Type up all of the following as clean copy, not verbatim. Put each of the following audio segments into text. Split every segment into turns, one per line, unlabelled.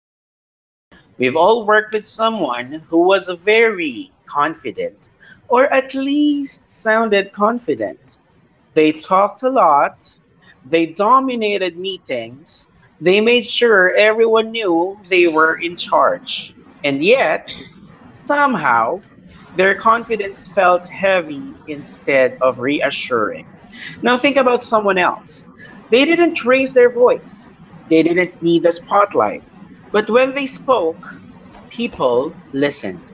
seen. We've all worked with someone who was very confident, or at least sounded confident. They talked a lot. They dominated meetings. They made sure everyone knew they were in charge. And yet, somehow, their confidence felt heavy instead of reassuring. Now, think about someone else. They didn't raise their voice, they didn't need the spotlight. But when they spoke, people listened.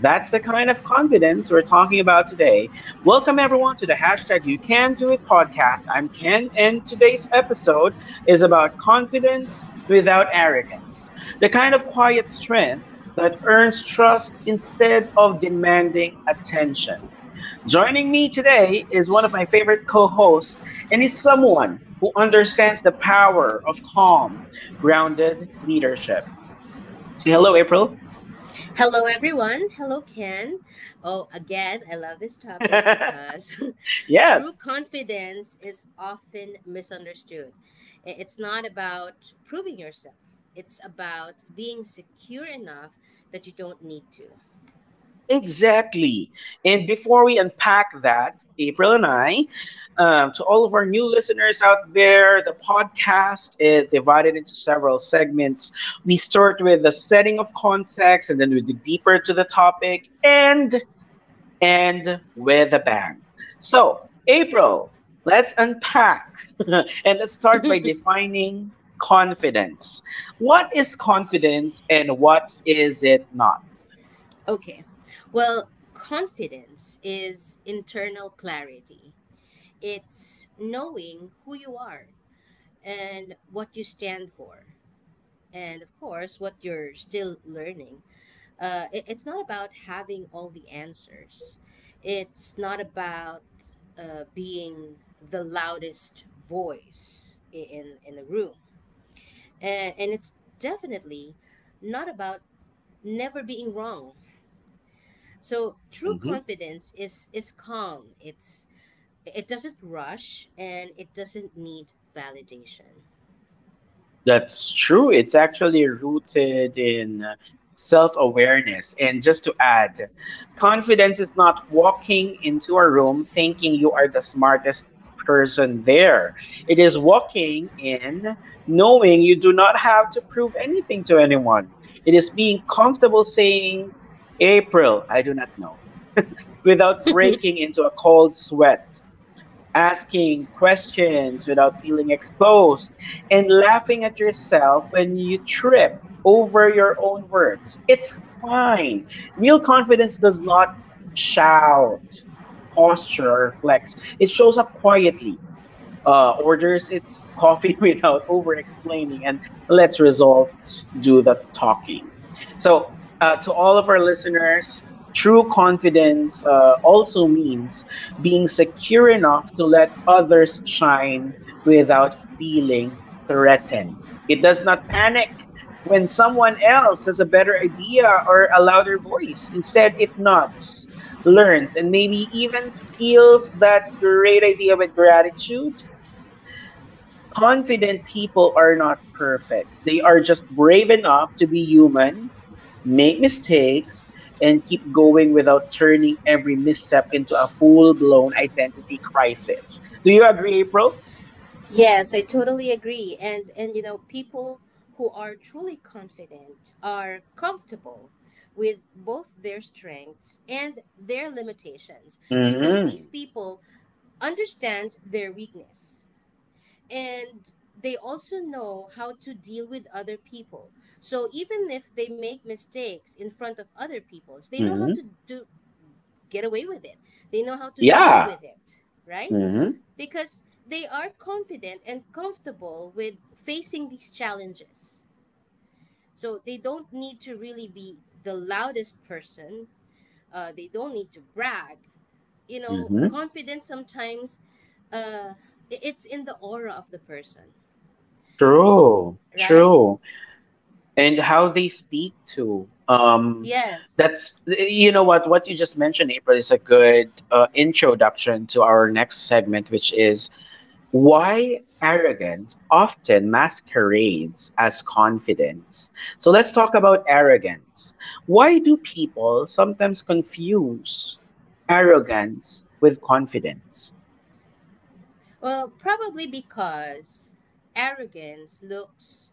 That's the kind of confidence we're talking about today. Welcome, everyone, to the hashtag You Can Do It podcast. I'm Ken, and today's episode is about confidence without arrogance, the kind of quiet strength that earns trust instead of demanding attention. Joining me today is one of my favorite co hosts, and he's someone who understands the power of calm, grounded leadership. Say hello, April.
Hello, everyone. Hello, Ken. Oh, again, I love this topic because true
Yes.
confidence is often misunderstood. It's not about proving yourself, it's about being secure enough that you don't need to.
Exactly. And before we unpack that, April and I, to all of our new listeners out there, the podcast is divided into several segments. We start with the setting of context, and then we dig deeper to the topic and end with a bang. So, April, let's unpack and let's start by defining confidence. What is confidence and what is it not?
Okay, well, confidence is internal clarity, it's knowing who you are and what you stand for, and of course, what you're still learning. It's not about having all the answers. It's not about being the loudest voice in the room, and it's definitely not about never being wrong. So true confidence is calm. It doesn't rush and it doesn't need validation.
That's true. It's actually rooted in self awareness. And just to add, confidence is not walking into a room thinking you are the smartest person there. It is walking in knowing you do not have to prove anything to anyone. It is being comfortable saying, April, I do not know, without breaking into a cold sweat, asking questions without feeling exposed, and laughing at yourself when you trip over your own words. It's fine. Real confidence does not shout, posture, or flex. It shows up quietly, orders its coffee without over explaining, and lets results do the talking. So, to all of our listeners, true confidence also means being secure enough to let others shine without feeling threatened. It does not panic when someone else has a better idea or a louder voice. Instead, it nods, learns, and maybe even steals that great idea with gratitude. Confident people are not perfect. They are just brave enough to be human, make mistakes, and keep going without turning every misstep into a full blown identity crisis. Do you agree, April?
Yes, I totally agree. And you know, people who are truly confident are comfortable with both their strengths and their limitations, because these
Mm-hmm.
people understand their weakness and they also know how to deal with other people. So even if they make mistakes in front of other people's, they know how
Hmm.
to do, get away with it. They know how to deal
Yeah.
with it, right?
Mm-hmm.
Because they are confident and comfortable with facing these challenges. So they don't need to really be the loudest person. They don't need to brag. You know,
Hmm.
confidence sometimes, uh, it's in the aura of the person,
True.
right?
True. And how they speak to.
Yes.
That's, what you just mentioned, April, is a good introduction to our next segment, which is why arrogance often masquerades as confidence. So let's talk about arrogance. Why do people sometimes confuse arrogance with confidence?
Well, probably because arrogance looks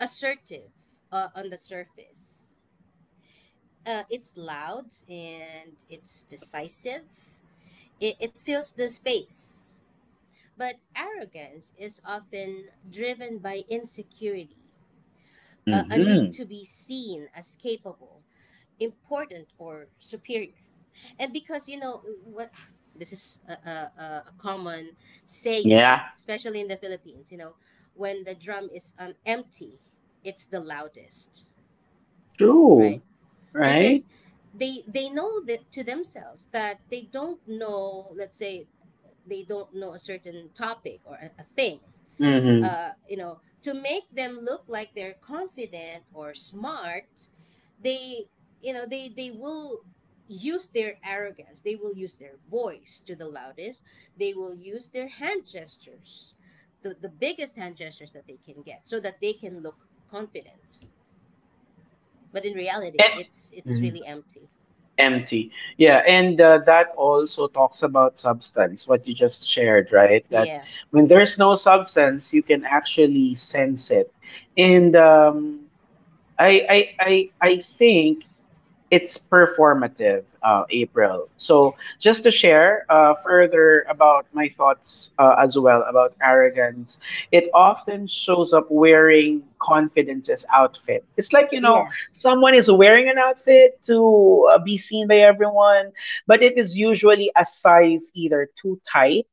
assertive on the surface. It's loud and it's decisive. It fills the space. But arrogance is often driven by insecurity, a need
Mm-hmm.
to be seen as capable, important, or superior. And because, you know, what, this is a common saying,
Yeah,
especially in the Philippines, you know, when the drum is empty, it's the loudest, right?
true, right?
Because they know that to themselves, that they don't know. Let's say they don't know a certain topic or a thing,
Mm-hmm.
you know, to make them look like they're confident or smart, they, you know, they will use their arrogance, they will use their voice to the loudest, they will use their hand gestures, the biggest hand gestures that they can get, so that they can look confident, but in reality,
And.
it's
Mhm.
really empty.
Empty. Yeah, and that also talks about substance, what you just shared, right? That
Yeah.
when there's no substance, you can actually sense it. And I think it's performative, April. So just to share further about my thoughts as well about arrogance, it often shows up wearing confidence's outfit. It's like,
Yeah.
someone is wearing an outfit to be seen by everyone, but it is usually a size either too tight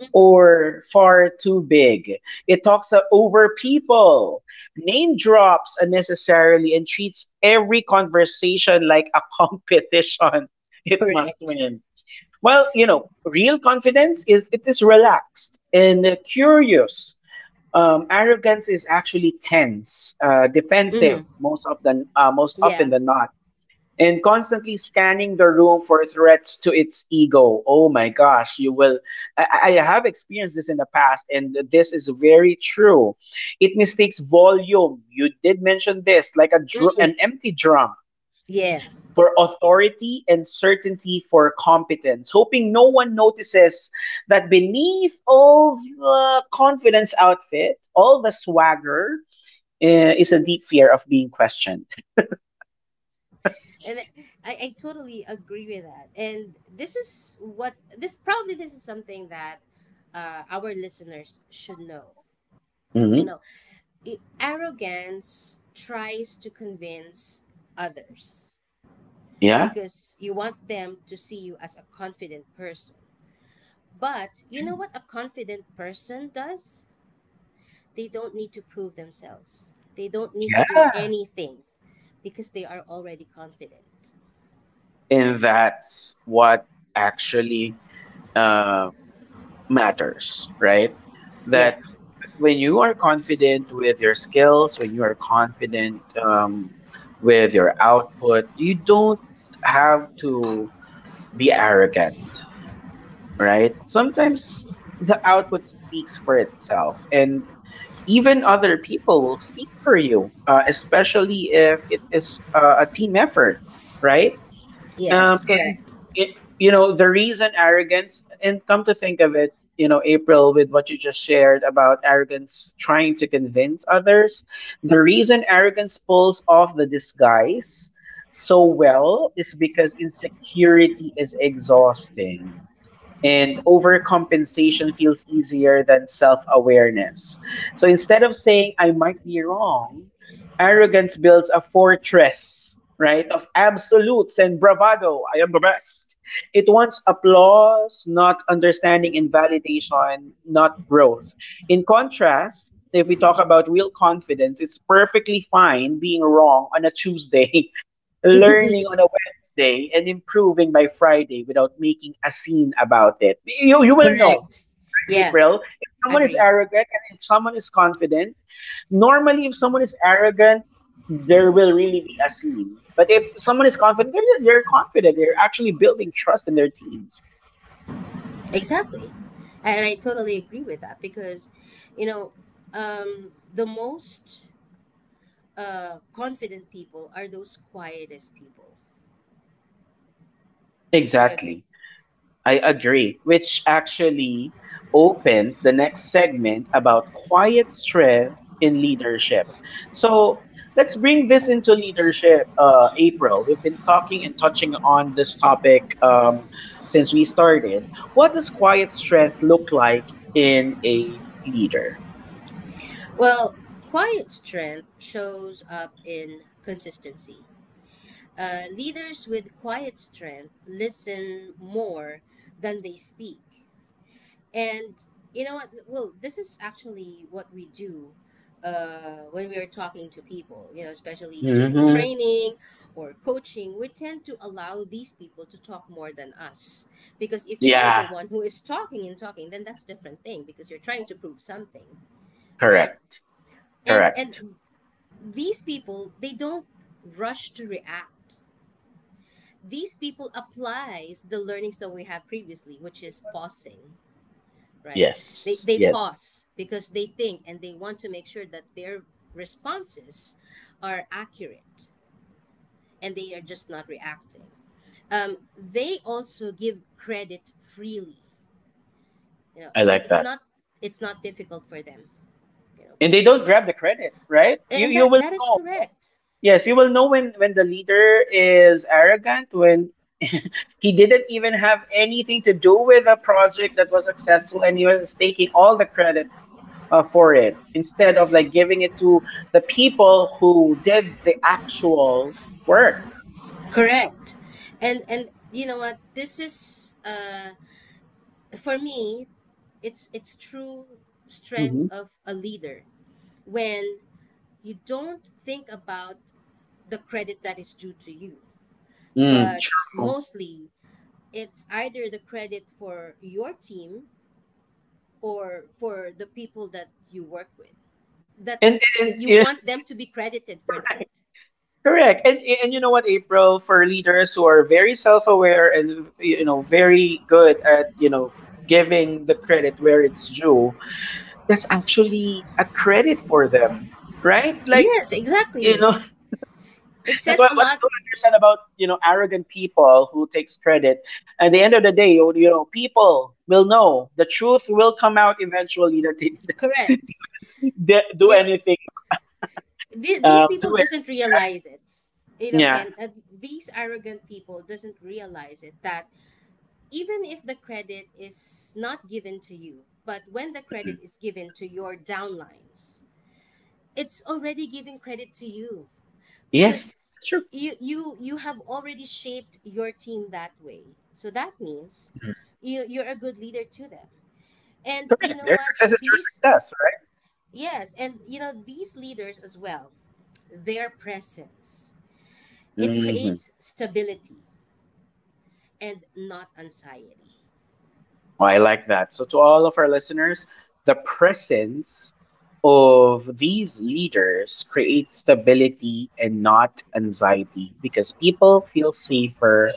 Mhm.
or far too big. It talks over people, name drops unnecessarily, and treats every conversation like a competition it must
Correct.
win. Well, real confidence is relaxed and curious. Arrogance is actually tense, defensive
Hmm.
most of the most
Yeah.
often than not, and constantly scanning the room for threats to its ego. Oh my gosh, you will. I have experienced this in the past, and this is very true. It mistakes volume. You did mention this, like a
Hmm.
an empty drum,
Yes.
for authority, and certainty for competence, hoping no one notices that beneath all the confidence outfit, all the swagger, is a deep fear of being questioned.
And I totally agree with that. And this is what, this probably, this is something that, our listeners should know. You
Mhm.
know, arrogance tries to convince others
Yeah,
because you want them to see you as a confident person. But you know
true.
what a confident person does? They don't need to prove themselves. They don't need to do
Yeah.
anything, because they are already confident.
And that's what actually uh, matters, right?
Yeah.
That when you are confident with your skills, when you are confident, with your output, you don't have to be arrogant, right? Sometimes the output speaks for itself, and even other people will speak for you, especially if it is a team effort, right? Um,
Yes.
and
Correct.
the reason arrogance, and come to think of it, you know, April, with what you just shared about arrogance trying to convince others, the reason arrogance pulls off the disguise so well is because insecurity is exhausting and overcompensation feels easier than self awareness. So instead of saying, I might be wrong, arrogance builds a fortress, right, of absolutes and bravado. I am the best. It wants applause, not understanding, and validation, not growth. In contrast, if we talk about real confidence, it's perfectly fine being wrong on a Tuesday, learning on a Wednesday, and improving by Friday without making a scene about it. You will know,
Correct.
right,
Yeah,
April? If someone is
agreed.
arrogant and if someone is confident, normally if someone is arrogant, there will really be a scene. But if someone is confident, they're confident. They're actually building trust in their teams.
Exactly. And I totally agree with that because, you know, the most, confident people are those quietest people. Do you
Exactly.
agree?
I agree, which actually opens the next segment about quiet strength in leadership. So let's bring this into leadership, April. We've been talking and touching on this topic since we started. What does quiet strength look like in a leader?
Well, quiet strength shows up in consistency. Leaders with quiet strength listen more than they speak. And you know what? Well, this is actually what we do, when we are talking to people, you know, especially during
Hmm.
training or coaching. We tend to allow these people to talk more than us. Because if you are the
Yeah,
one who is talking and talking, then that's different thing because you're trying to prove something, right?
correct.
And
Correct.
and these people, they don't rush to react. These people applies the learnings that we have previously, which is pausing. Right. They
Yes,
they
yes.
pause because they think and they want to make sure that their responses are accurate, and they are just not reacting. They also give credit freely. You know,
I
and
like
it's
that.
not, it's not difficult for them. You know,
And they don't grab the credit, right? you
and
you
that,
will
that is
know.
correct.
Yes. You will know when the leader is arrogant, when he didn't even have anything to do with a project that was successful and he was taking all the credit for it, instead of like giving it to the people who did the actual work.
Correct. And you know what? This is, uh, for me, it's true strength
Hmm.
of a leader when you don't think about the credit that is due to you.
Mm,
But
true.
mostly, it's either the credit for your team or for the people that you work with. That's
and
that
and,
you want
and
them to be credited for
yeah.
that.
Correct. And you know what, April, for leaders who are very self-aware and, very good at, giving the credit where it's due, that's actually a credit for them, right? Like,
Yes,
you
exactly.
know,
It
that's
says
why
a
what I
lot.
don't understand about, arrogant people who takes credit. At the end of the day, you know, people will know. The truth will come out eventually that they
Correct.
didn't even do
You know,
anything about,
these people
do it,
doesn't
right?
realize it. You know,
Yeah.
can, these arrogant people doesn't realize it, that even if the credit is not given to you, but when the credit
Mm.
is given to your downlines, it's already giving credit to you,
Yes,
because
that's true.
you have already shaped your team that way, so that means you're a good leader to them. And you
Correct.
know
Their
what,
success is your
these,
success, right?
yes, and you know these leaders as well, their presence, it
Hmm.
creates stability and not anxiety.
Oh, I like that. So, to all of our listeners, the presence of these leaders creates stability and not anxiety because people feel safer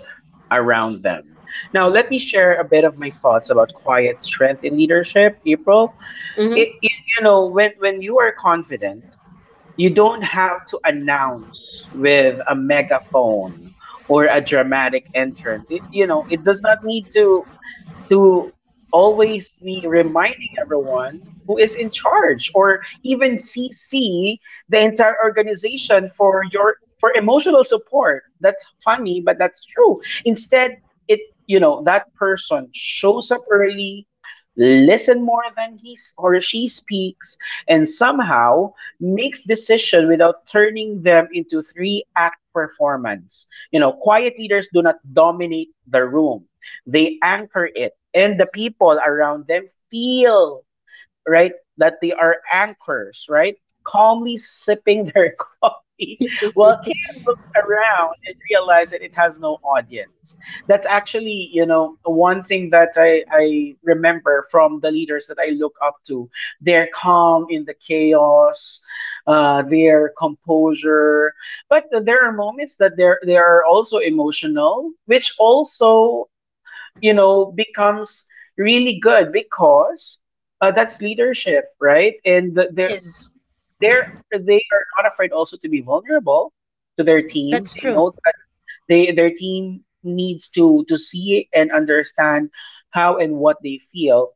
around them. Now, let me share a bit of my thoughts about quiet strength in leadership, April.
Mm-hmm.
You know, when you are confident, you don't have to announce with a megaphone or a dramatic entrance. It does not need to always be reminding everyone who is in charge, or even CC the entire organization for your for emotional support. That's funny, but that's true. Instead, it that person shows up early, listen more than or she speaks, and somehow makes decision without turning them into three act performance. You know, quiet leaders do not dominate the room. They anchor it, and the people around them feel, right, that they are anchors, right, calmly sipping their coffee while chaos looks around and realizes that it has no audience. That's actually, one thing that I remember from the leaders that I look up to: their calm in the chaos, their composure. But there are moments that they are also emotional, which also, becomes really good because, that's leadership, right? And
Yes.
they're, they are not afraid also to be vulnerable to their team.
That's
They
true.
know that they their team needs to see and understand how and what they feel.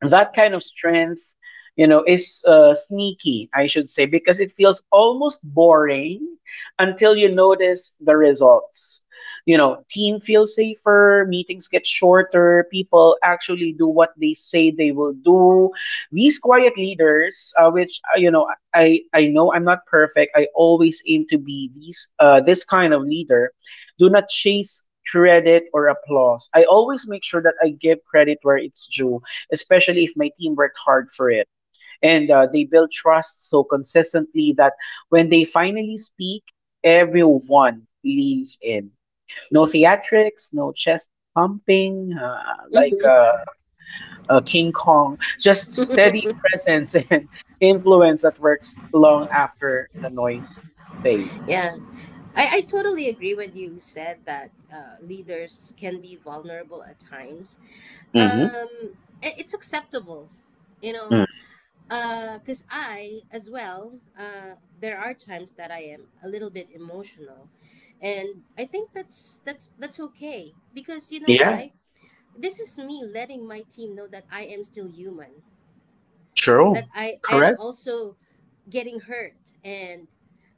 That kind of strength, is, sneaky, I should say, because it feels almost boring until you notice the results. Team feels safer, meetings get shorter, people actually do what they say they will do. These quiet leaders, which, I know I'm not perfect, I always aim to be these this kind of leader, do not chase credit or applause. I always make sure that I give credit where it's due, especially if my team worked hard for it. And they built trust so consistently that when they finally speak, everyone leans in. No theatrics, no chest pumping, like
Mhm.
King Kong, just steady presence and influence that works long after the noise
Yeah,
fades.
I totally agree with you said that, leaders can be vulnerable at times.
Mm-hmm.
Um, it's acceptable, you know,
Mm-hmm.
because I as well, there are times that I am a little bit emotional, and I think that's, that's okay because you know
Yeah,
why? This is me letting my team know that I am still human, that
true.
I am
Correct?
also getting hurt, and,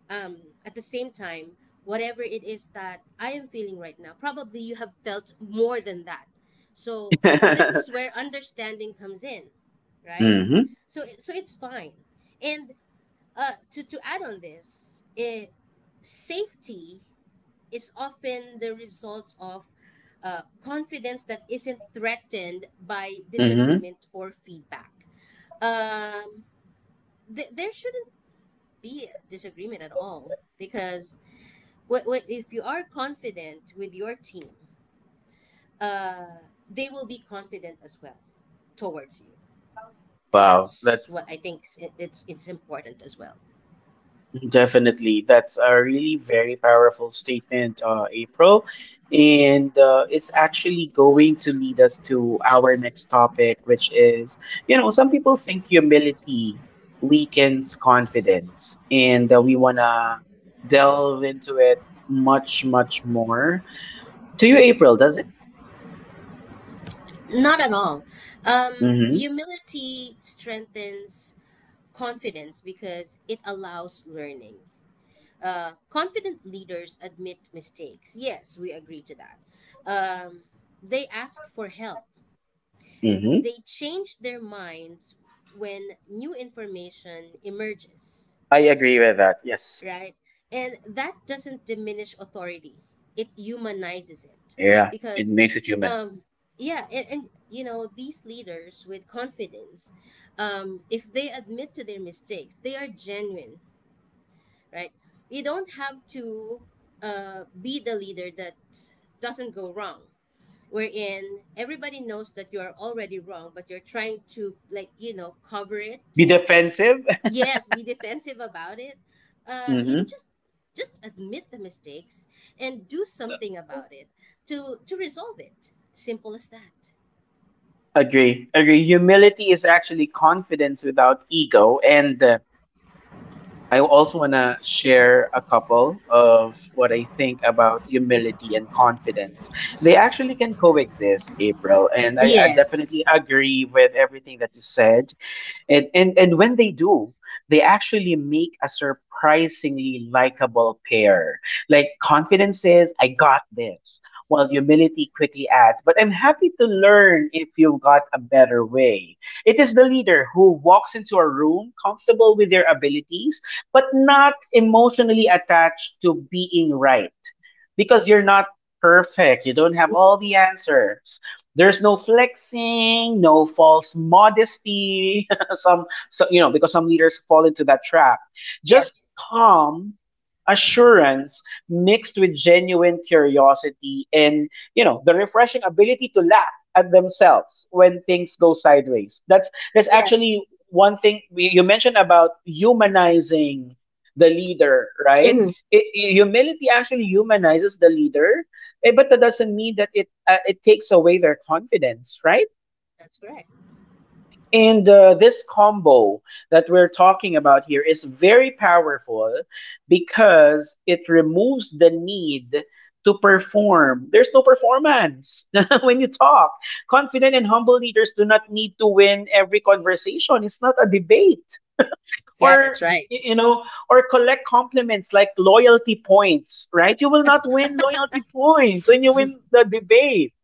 um, at the same time, whatever it is that I am feeling right now, probably you have felt more than that. So this is where understanding comes in, right?
Mm-hmm.
So it's fine. And to add on this, it, safety is often the result of, confidence that isn't threatened by
Mm-hmm.
disagreement or feedback. Um, there shouldn't be a disagreement at all, because what if you are confident with your team, uh, they will be confident as well towards you, and
Wow.
that's
That's
what I think is, it's important as well.
Definitely. That's a really very powerful statement, April. And it's actually going to lead us to our next topic, which is, some people think humility weakens confidence, and we want to delve into it much, much more. To you, April, does it?
Not at all. Um,
Mm-hmm.
humility strengthens confidence because it allows learning. Uh, confident leaders admit mistakes, yes, we agree to that. Um, they ask for help,
Mm-hmm.
they change their minds when new information emerges,
I agree with that. Yes.
right? And that doesn't diminish authority. It humanizes it,
Yeah. It
because,
makes it human.
um, yeah, and you know, these leaders with confidence, if they admit to their mistakes, they are genuine, right? You don't have to, be the leader that doesn't go wrong, wherein everybody knows that you are already wrong, but you're trying to, like, you know, cover
Be
it.
defensive.
Yes, be defensive about it. Uh, you know,
Mm-hmm.
just admit the mistakes and do something about it to resolve it. Simple as that.
Agree. Agree. Humility is actually confidence without ego. And I also want to share a couple of what I think about humility and confidence. They actually can coexist, April. And I
Yes.
definitely agree with everything that you said. And when they do, they actually make a surprisingly likable pair. Like confidence says, I got this, while humility quickly adds, but I'm happy to learn if you've got a better way. It is the leader who walks into a room comfortable with their abilities, but not emotionally attached to being right. Because you're not perfect, you don't have all the answers. There's no flexing, no false modesty. some, so, you know, Because some leaders fall into that trap.
Yeah.
Just calm assurance mixed with genuine curiosity and you know the refreshing ability to laugh at themselves when things go sideways. That's
Yeah.
actually one thing you mentioned about humanizing the leader, right?
Hmm.
It, humility actually humanizes the leader, but that doesn't mean that it takes away their confidence, right?
That's correct.
and this combo that we're talking about here is very powerful because it removes the need to perform. There's no performance when you talk. Confident and humble leaders do not need to win every conversation. It's not a debate
Yeah, that's
or
right.
you know or collect compliments like loyalty points, right? You will not win loyalty points when you win the debate.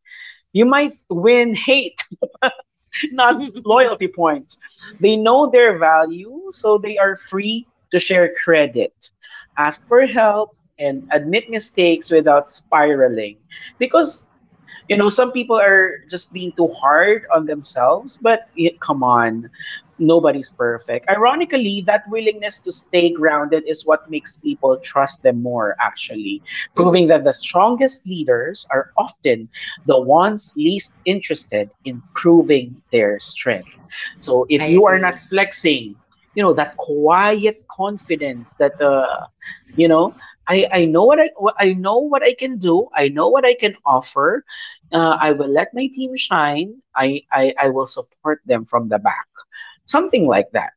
You might win hate, not loyalty points. They know their value, so they are free to share credit, ask for help, and admit mistakes without spiraling. Because you know, some people are just being too hard on themselves, but it, come on, nobody's perfect. Ironically, that willingness to stay grounded is what makes people trust them more, actually,
Hmm.
proving that the strongest leaders are often the ones least interested in proving their strength. So if
I
you are not
agree.
flexing, you know, that quiet confidence that, you know, I know what I know what I can do. I know what I can offer. I will let my team shine. I will support them from the back, something like that.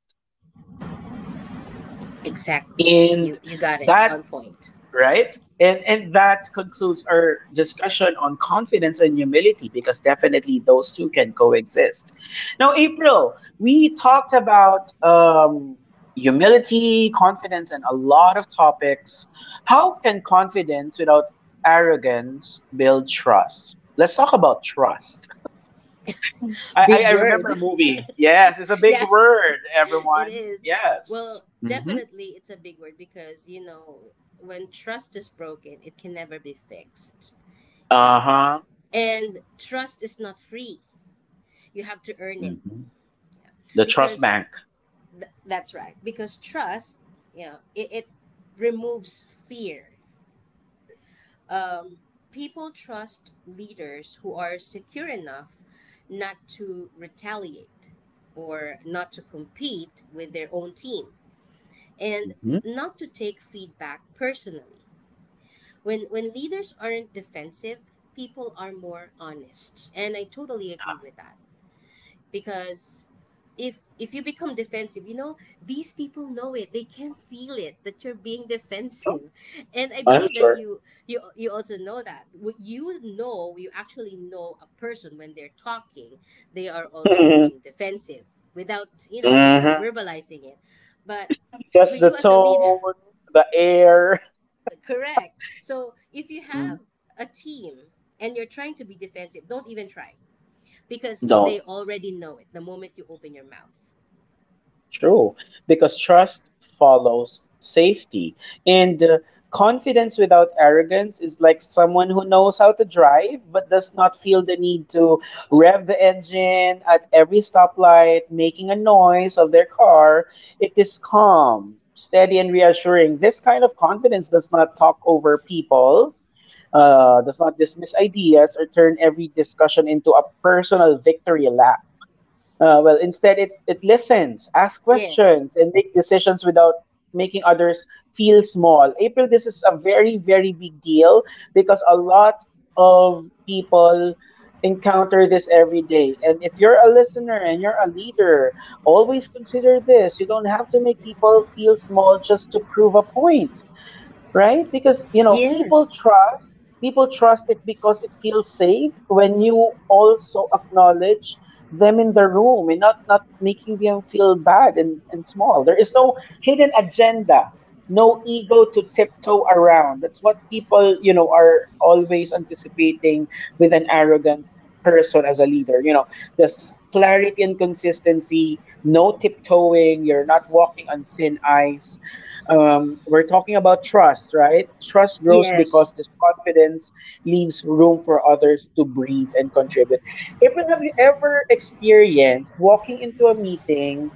Exactly.
And
You got it on
that
point.
right, and that concludes our discussion on confidence and humility because definitely those two can coexist. Now, April, we talked about humility, confidence, and a lot of topics. How can confidence without arrogance build trust? Let's talk about trust. I, I,
Big
I remember
word.
a movie. Yes, it's a big
Yes,
word,
it
everyone.
is.
Yes.
Well,
Mm-hmm.
definitely it's a big word, because you know, when trust is broken, it can never be fixed.
Uh
Yeah.
huh.
And trust is not free. You have to earn it.
Mm-hmm.
Yeah.
The trust
Because
bank.
that's right. Because trust, you know, it removes fear. Um, people trust leaders who are secure enough not to retaliate, or not to compete with their own team, and
Mm-hmm.
not to take feedback personally. When leaders aren't defensive, people are more honest. And I totally
Uh,
agree with that. Because if you become defensive, you know, these people know it, they can feel it, that you're being
sure.
defensive, and I
I'm
believe that
sure.
you, you also know that. What, you know, you actually know a person when they're talking, they are already being defensive, without, you know, even
Mm-hmm.
verbalizing it. But for
Just the
you as a leader,
tone, the air.
correct. So if you
Mm-hmm.
have a team and you're trying to be defensive, don't even try, because
Don't.
they already know it the moment you open your mouth.
True, because trust follows safety. And confidence without arrogance is like someone who knows how to drive but does not feel the need to rev the engine at every stoplight, making a noise of their car. It is calm, steady, and reassuring. This kind of confidence does not talk over people. Does not dismiss ideas or turn every discussion into a personal victory lap. Well, instead, it listens, asks
Yes.
questions, and make decisions without making others feel small. April, this is a very, very big deal because a lot of people encounter this every day. And if you're a listener and you're a leader, always consider this. You don't have to make people feel small just to prove a point, right? Because you know,
Yes.
people trust it because it feels safe when you also acknowledge them in the room and not making them feel bad and small. There is no hidden agenda, no ego to tiptoe around. That's what people, you know, are always anticipating with an arrogant person as a leader. You know, just clarity and consistency, no tiptoeing, you're not walking on thin ice. We're talking about trust, right? Trust grows because
Yes.
this confidence leaves room for others to breathe and contribute. April, have you ever experienced walking into a meeting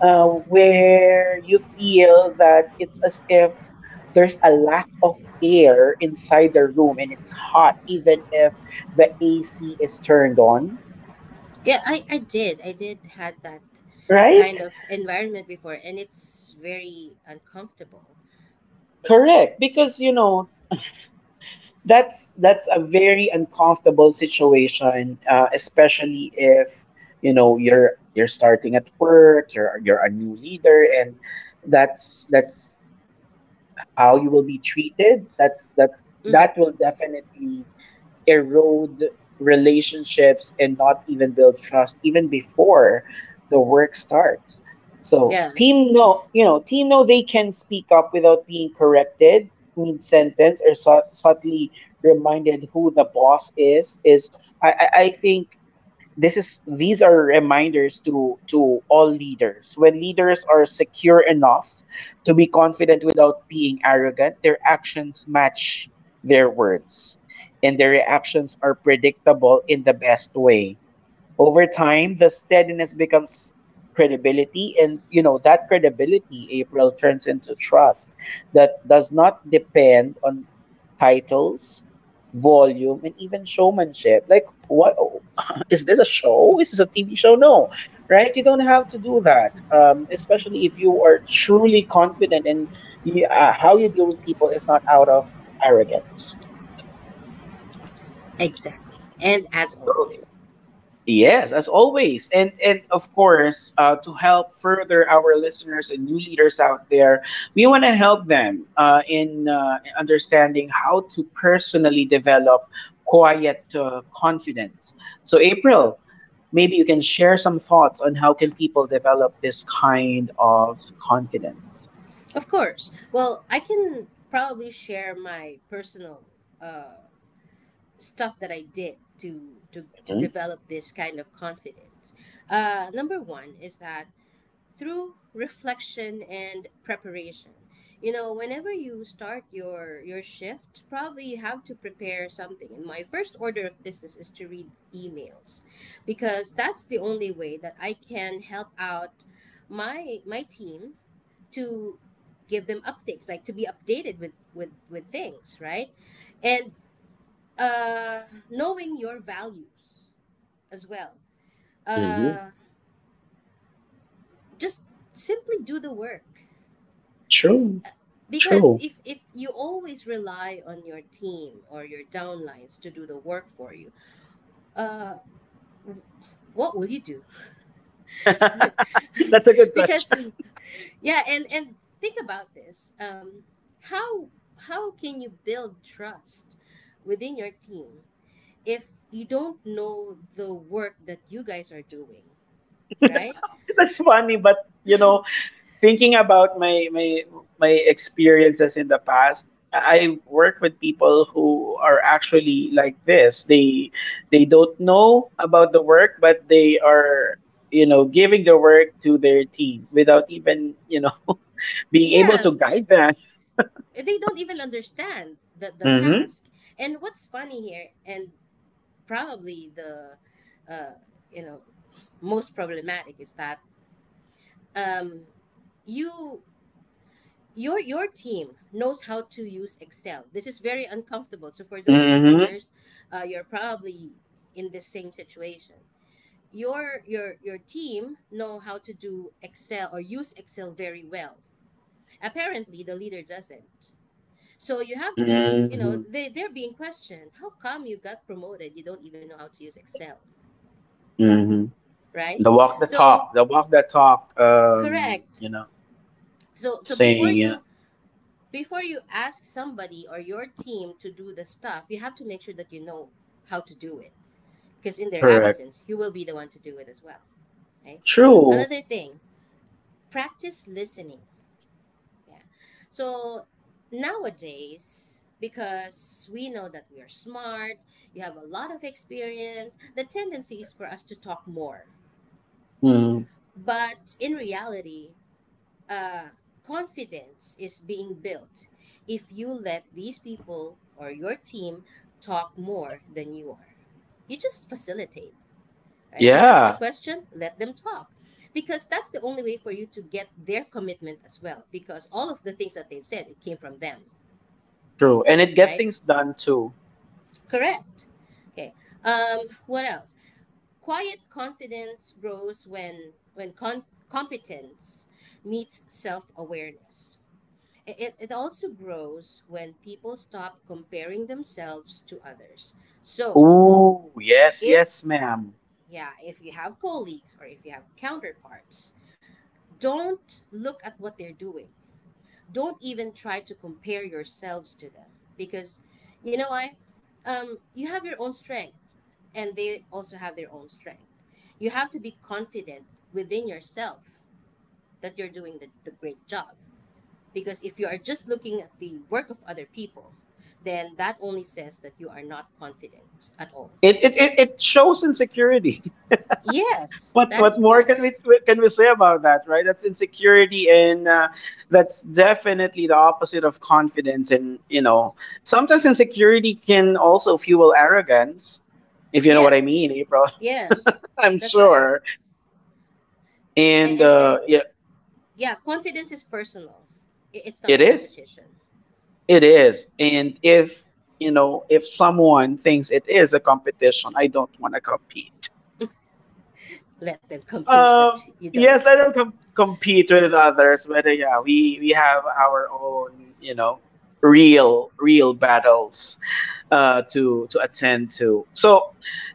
where you feel that it's as if there's a lack of air inside the room and it's hot, even if the AC is turned on,
Yeah, I did. I did had that
right?
kind of environment before, and it's very uncomfortable.
Correct. Because, you know, that's a very uncomfortable situation, especially if you know you're starting at work, you're a new leader, and that's how you will be treated. That
Hmm.
that will definitely erode relationships and not even build trust even before the work starts. So
Yeah,
team know you know team know they can speak up without being corrected mid sentence or subtly reminded who the boss is is. I think this is these are reminders to all leaders. When leaders are secure enough to be confident without being arrogant, their actions match their words and their reactions are predictable in the best way. Over time, the steadiness becomes credibility, and you know that credibility, April, turns into trust that does not depend on titles, volume, and even showmanship. Like, what is this a show? Is this a TV show? No, right? You don't have to do that, especially if you are truly confident and you, how you deal with people is not out of arrogance.
exactly. And as always.
Okay. Yes, as always. And of course, to help further our listeners and new leaders out there, we want to help them in understanding how to personally develop quiet confidence. So April, maybe you can share some thoughts on how can people develop this kind of confidence.
Of course. Well, I can probably share my personal, uh, stuff that I did to, to
Mm-hmm.
develop this kind of confidence. Number one is that through reflection and preparation, you know, whenever you start your shift, probably you have to prepare something, and my first order of business is to read emails, because that's the only way that I can help out my team to give them updates, like to be updated with, with things, right? And, uh, knowing your values as well,
Hmm.
uh, just simply do the work,
True.
because
True.
if you always rely on your team or your downlines to do the work for you, uh, what will you do?
That's a good
Because,
question.
yeah, and think about this, um, how how can you build trust within your team if you don't know the work that you guys are doing, right?
That's funny, but you know thinking about my experiences in the past, I work with people who are actually like this. They don't know about the work but they are you know giving the work to their team without even you know being able
Yeah,
to guide them.
they don't even understand the
Hmm.
task. And what's funny here, and probably the, you know, most problematic is that, um, you, your team knows how to use Excel. This is very uncomfortable. So for those
Hmm.
listeners, you're probably in the same situation. Your team know how to do Excel or use Excel very well. Apparently, the leader doesn't. So you have to, you know,
Hmm.
they, they're being questioned. How come you got promoted? You don't even know how to use Excel,
Hmm.
right?
The walk the
So
talk the walk the talk
correct.
you know
So so before
saying yeah
you, before you ask somebody or your team to do the stuff, you have to make sure that you know how to do it. Because in their
correct
absence, you will be the one to do it as well. Okay.
true
Another thing, practice listening. Yeah. So nowadays, because we know that we are smart, you have a lot of experience, the tendency is for us to talk more.
mm.
But in reality, uh, confidence is being built if you let these people or your team talk more than you are. You just facilitate, right? You ask the
Yeah.
question, let them talk. Because that's the only way for you to get their commitment as well. Because all of the things that they've said, it came from them,
True, and it get
right?
things done too.
Correct. Okay. What else? Quiet confidence grows when competence meets self awareness. It also grows when people stop comparing themselves to others. So,
Ooh, yes, yes,
if,
ma'am.
yeah, if you have colleagues or if you have counterparts, don't look at what they're doing. Don't even try to compare yourselves to them because, you know, why? Um, you have your own strength and they also have their own strength. You have to be confident within yourself that you're doing the great job. Because if you are just looking at the work of other people, then that only says that you are not confident at all.
It shows insecurity.
Yes, that is
What more
correct.
can we say about that, right? That's insecurity, and that's definitely the opposite of confidence. And you know, sometimes insecurity can also fuel arrogance, if you know what
Yeah,
I mean, April.
yes,
I'm
that's right.
sure.
And
And
and, and
yeah,
yeah, confidence is personal. It's not a
it is,
competition.
it is. And if you know, if someone thinks it is a competition, I don't want to compete.
Let them compete, but
Um,
you
yes,
don't.
let them compete with others, but yeah, we have our own, you know, real real battles to attend to. So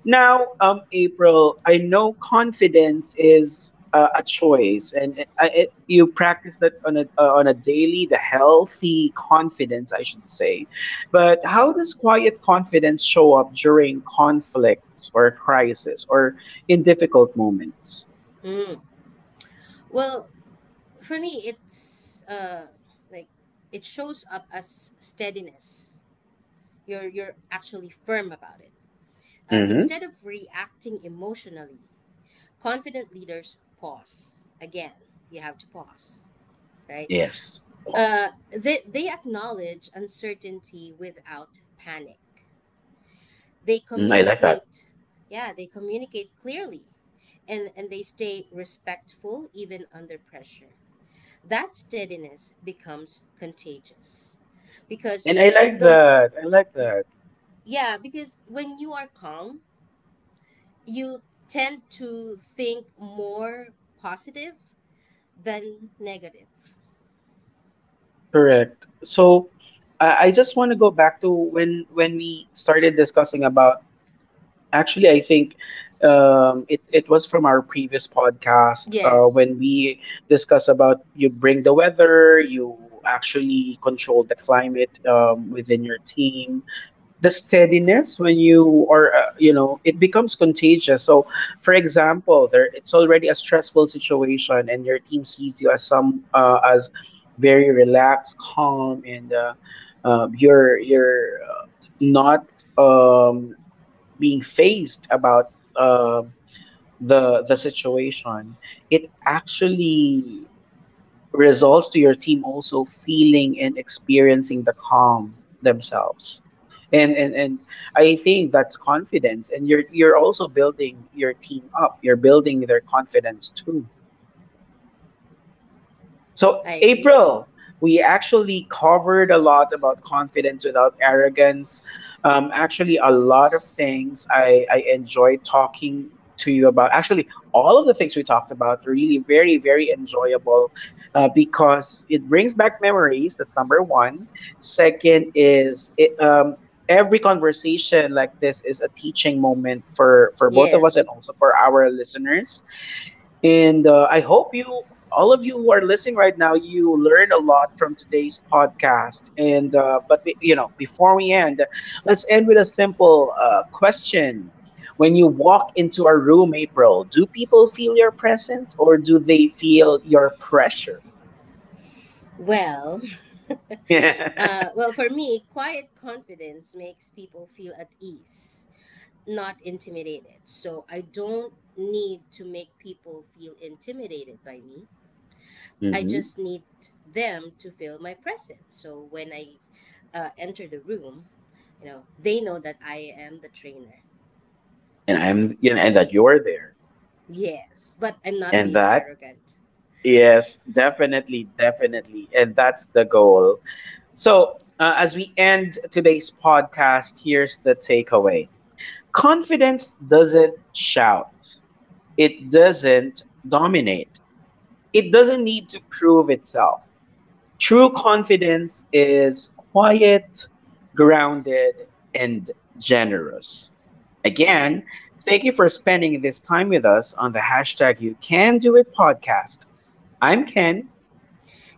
now, April, I know confidence is a choice, and it, it, you practice that on a daily, the healthy confidence, I should say. But how does quiet confidence show up during conflicts or crisis or in difficult moments?
Mm. Well, for me, it's like it shows up as steadiness. You're actually firm about it.
Mm-hmm.
Instead of reacting emotionally, confident leaders pause again, you have to pause, right?
Yes. Pause.
Uh, they acknowledge uncertainty without panic, they
Mm, I like that.
communicate, yeah, they communicate clearly, and they stay respectful even under pressure. That steadiness becomes contagious, because
And I like
the,
that. I like
y-
that.
yeah, because when you are calm, you tend to think more positive than negative.
Correct. So I just want to go back to when we started discussing about actually I think it, it was from our previous podcast
Yes,
when we discussed about you bring the weather, you actually control the climate within your team. The steadiness when you are you know it becomes contagious. So for example there it's already a stressful situation and your team sees you as some as very relaxed calm and you're not um, being phased about the situation. It actually results to your team also feeling and experiencing the calm themselves. And I think that's confidence. And you're also building your team up. You're building their confidence too. So,
I agree.
April, we actually covered a lot about confidence without arrogance. Actually, a lot of things I enjoyed talking to you about. Actually, all of the things we talked about are really very, very enjoyable because it brings back memories. That's number one. Second is it, every conversation like this is a teaching moment for both of us
Yes.
and also for our listeners, and I hope you, all of you who are listening right now, you learn a lot from today's podcast. And but you know, before we end, let's end with a simple question. When you walk into a room, April, do people feel your presence or do they feel your pressure?
Well,
Hmm.
well, for me, quiet confidence makes people feel at ease, not intimidated. So I don't need to make people feel intimidated by me. I
And
just need them to feel my presence. So when I, enter the room, you know, they know that I am the trainer.
I'm, you know, and that you're there,
Yes, but I'm not
and
being
that
arrogant.
yes, definitely, definitely, and that's the goal. So, as we end today's podcast, here's the takeaway. Confidence doesn't shout, it doesn't dominate, it doesn't need to prove itself. True confidence is quiet, grounded, and generous. Again, thank you for spending this time with us on the hashtag You Can Do It podcast. I'm Ken.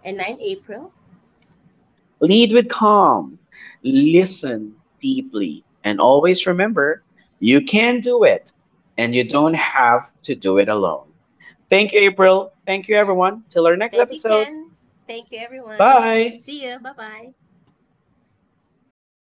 And I'm April.
Lead with calm, listen deeply, and always remember you can do it and you don't have to do it alone. Thank you, April. Thank you, everyone. Till our next
Thank you,
episode.
Ken. Thank you, everyone.
Bye.
See you. Bye bye.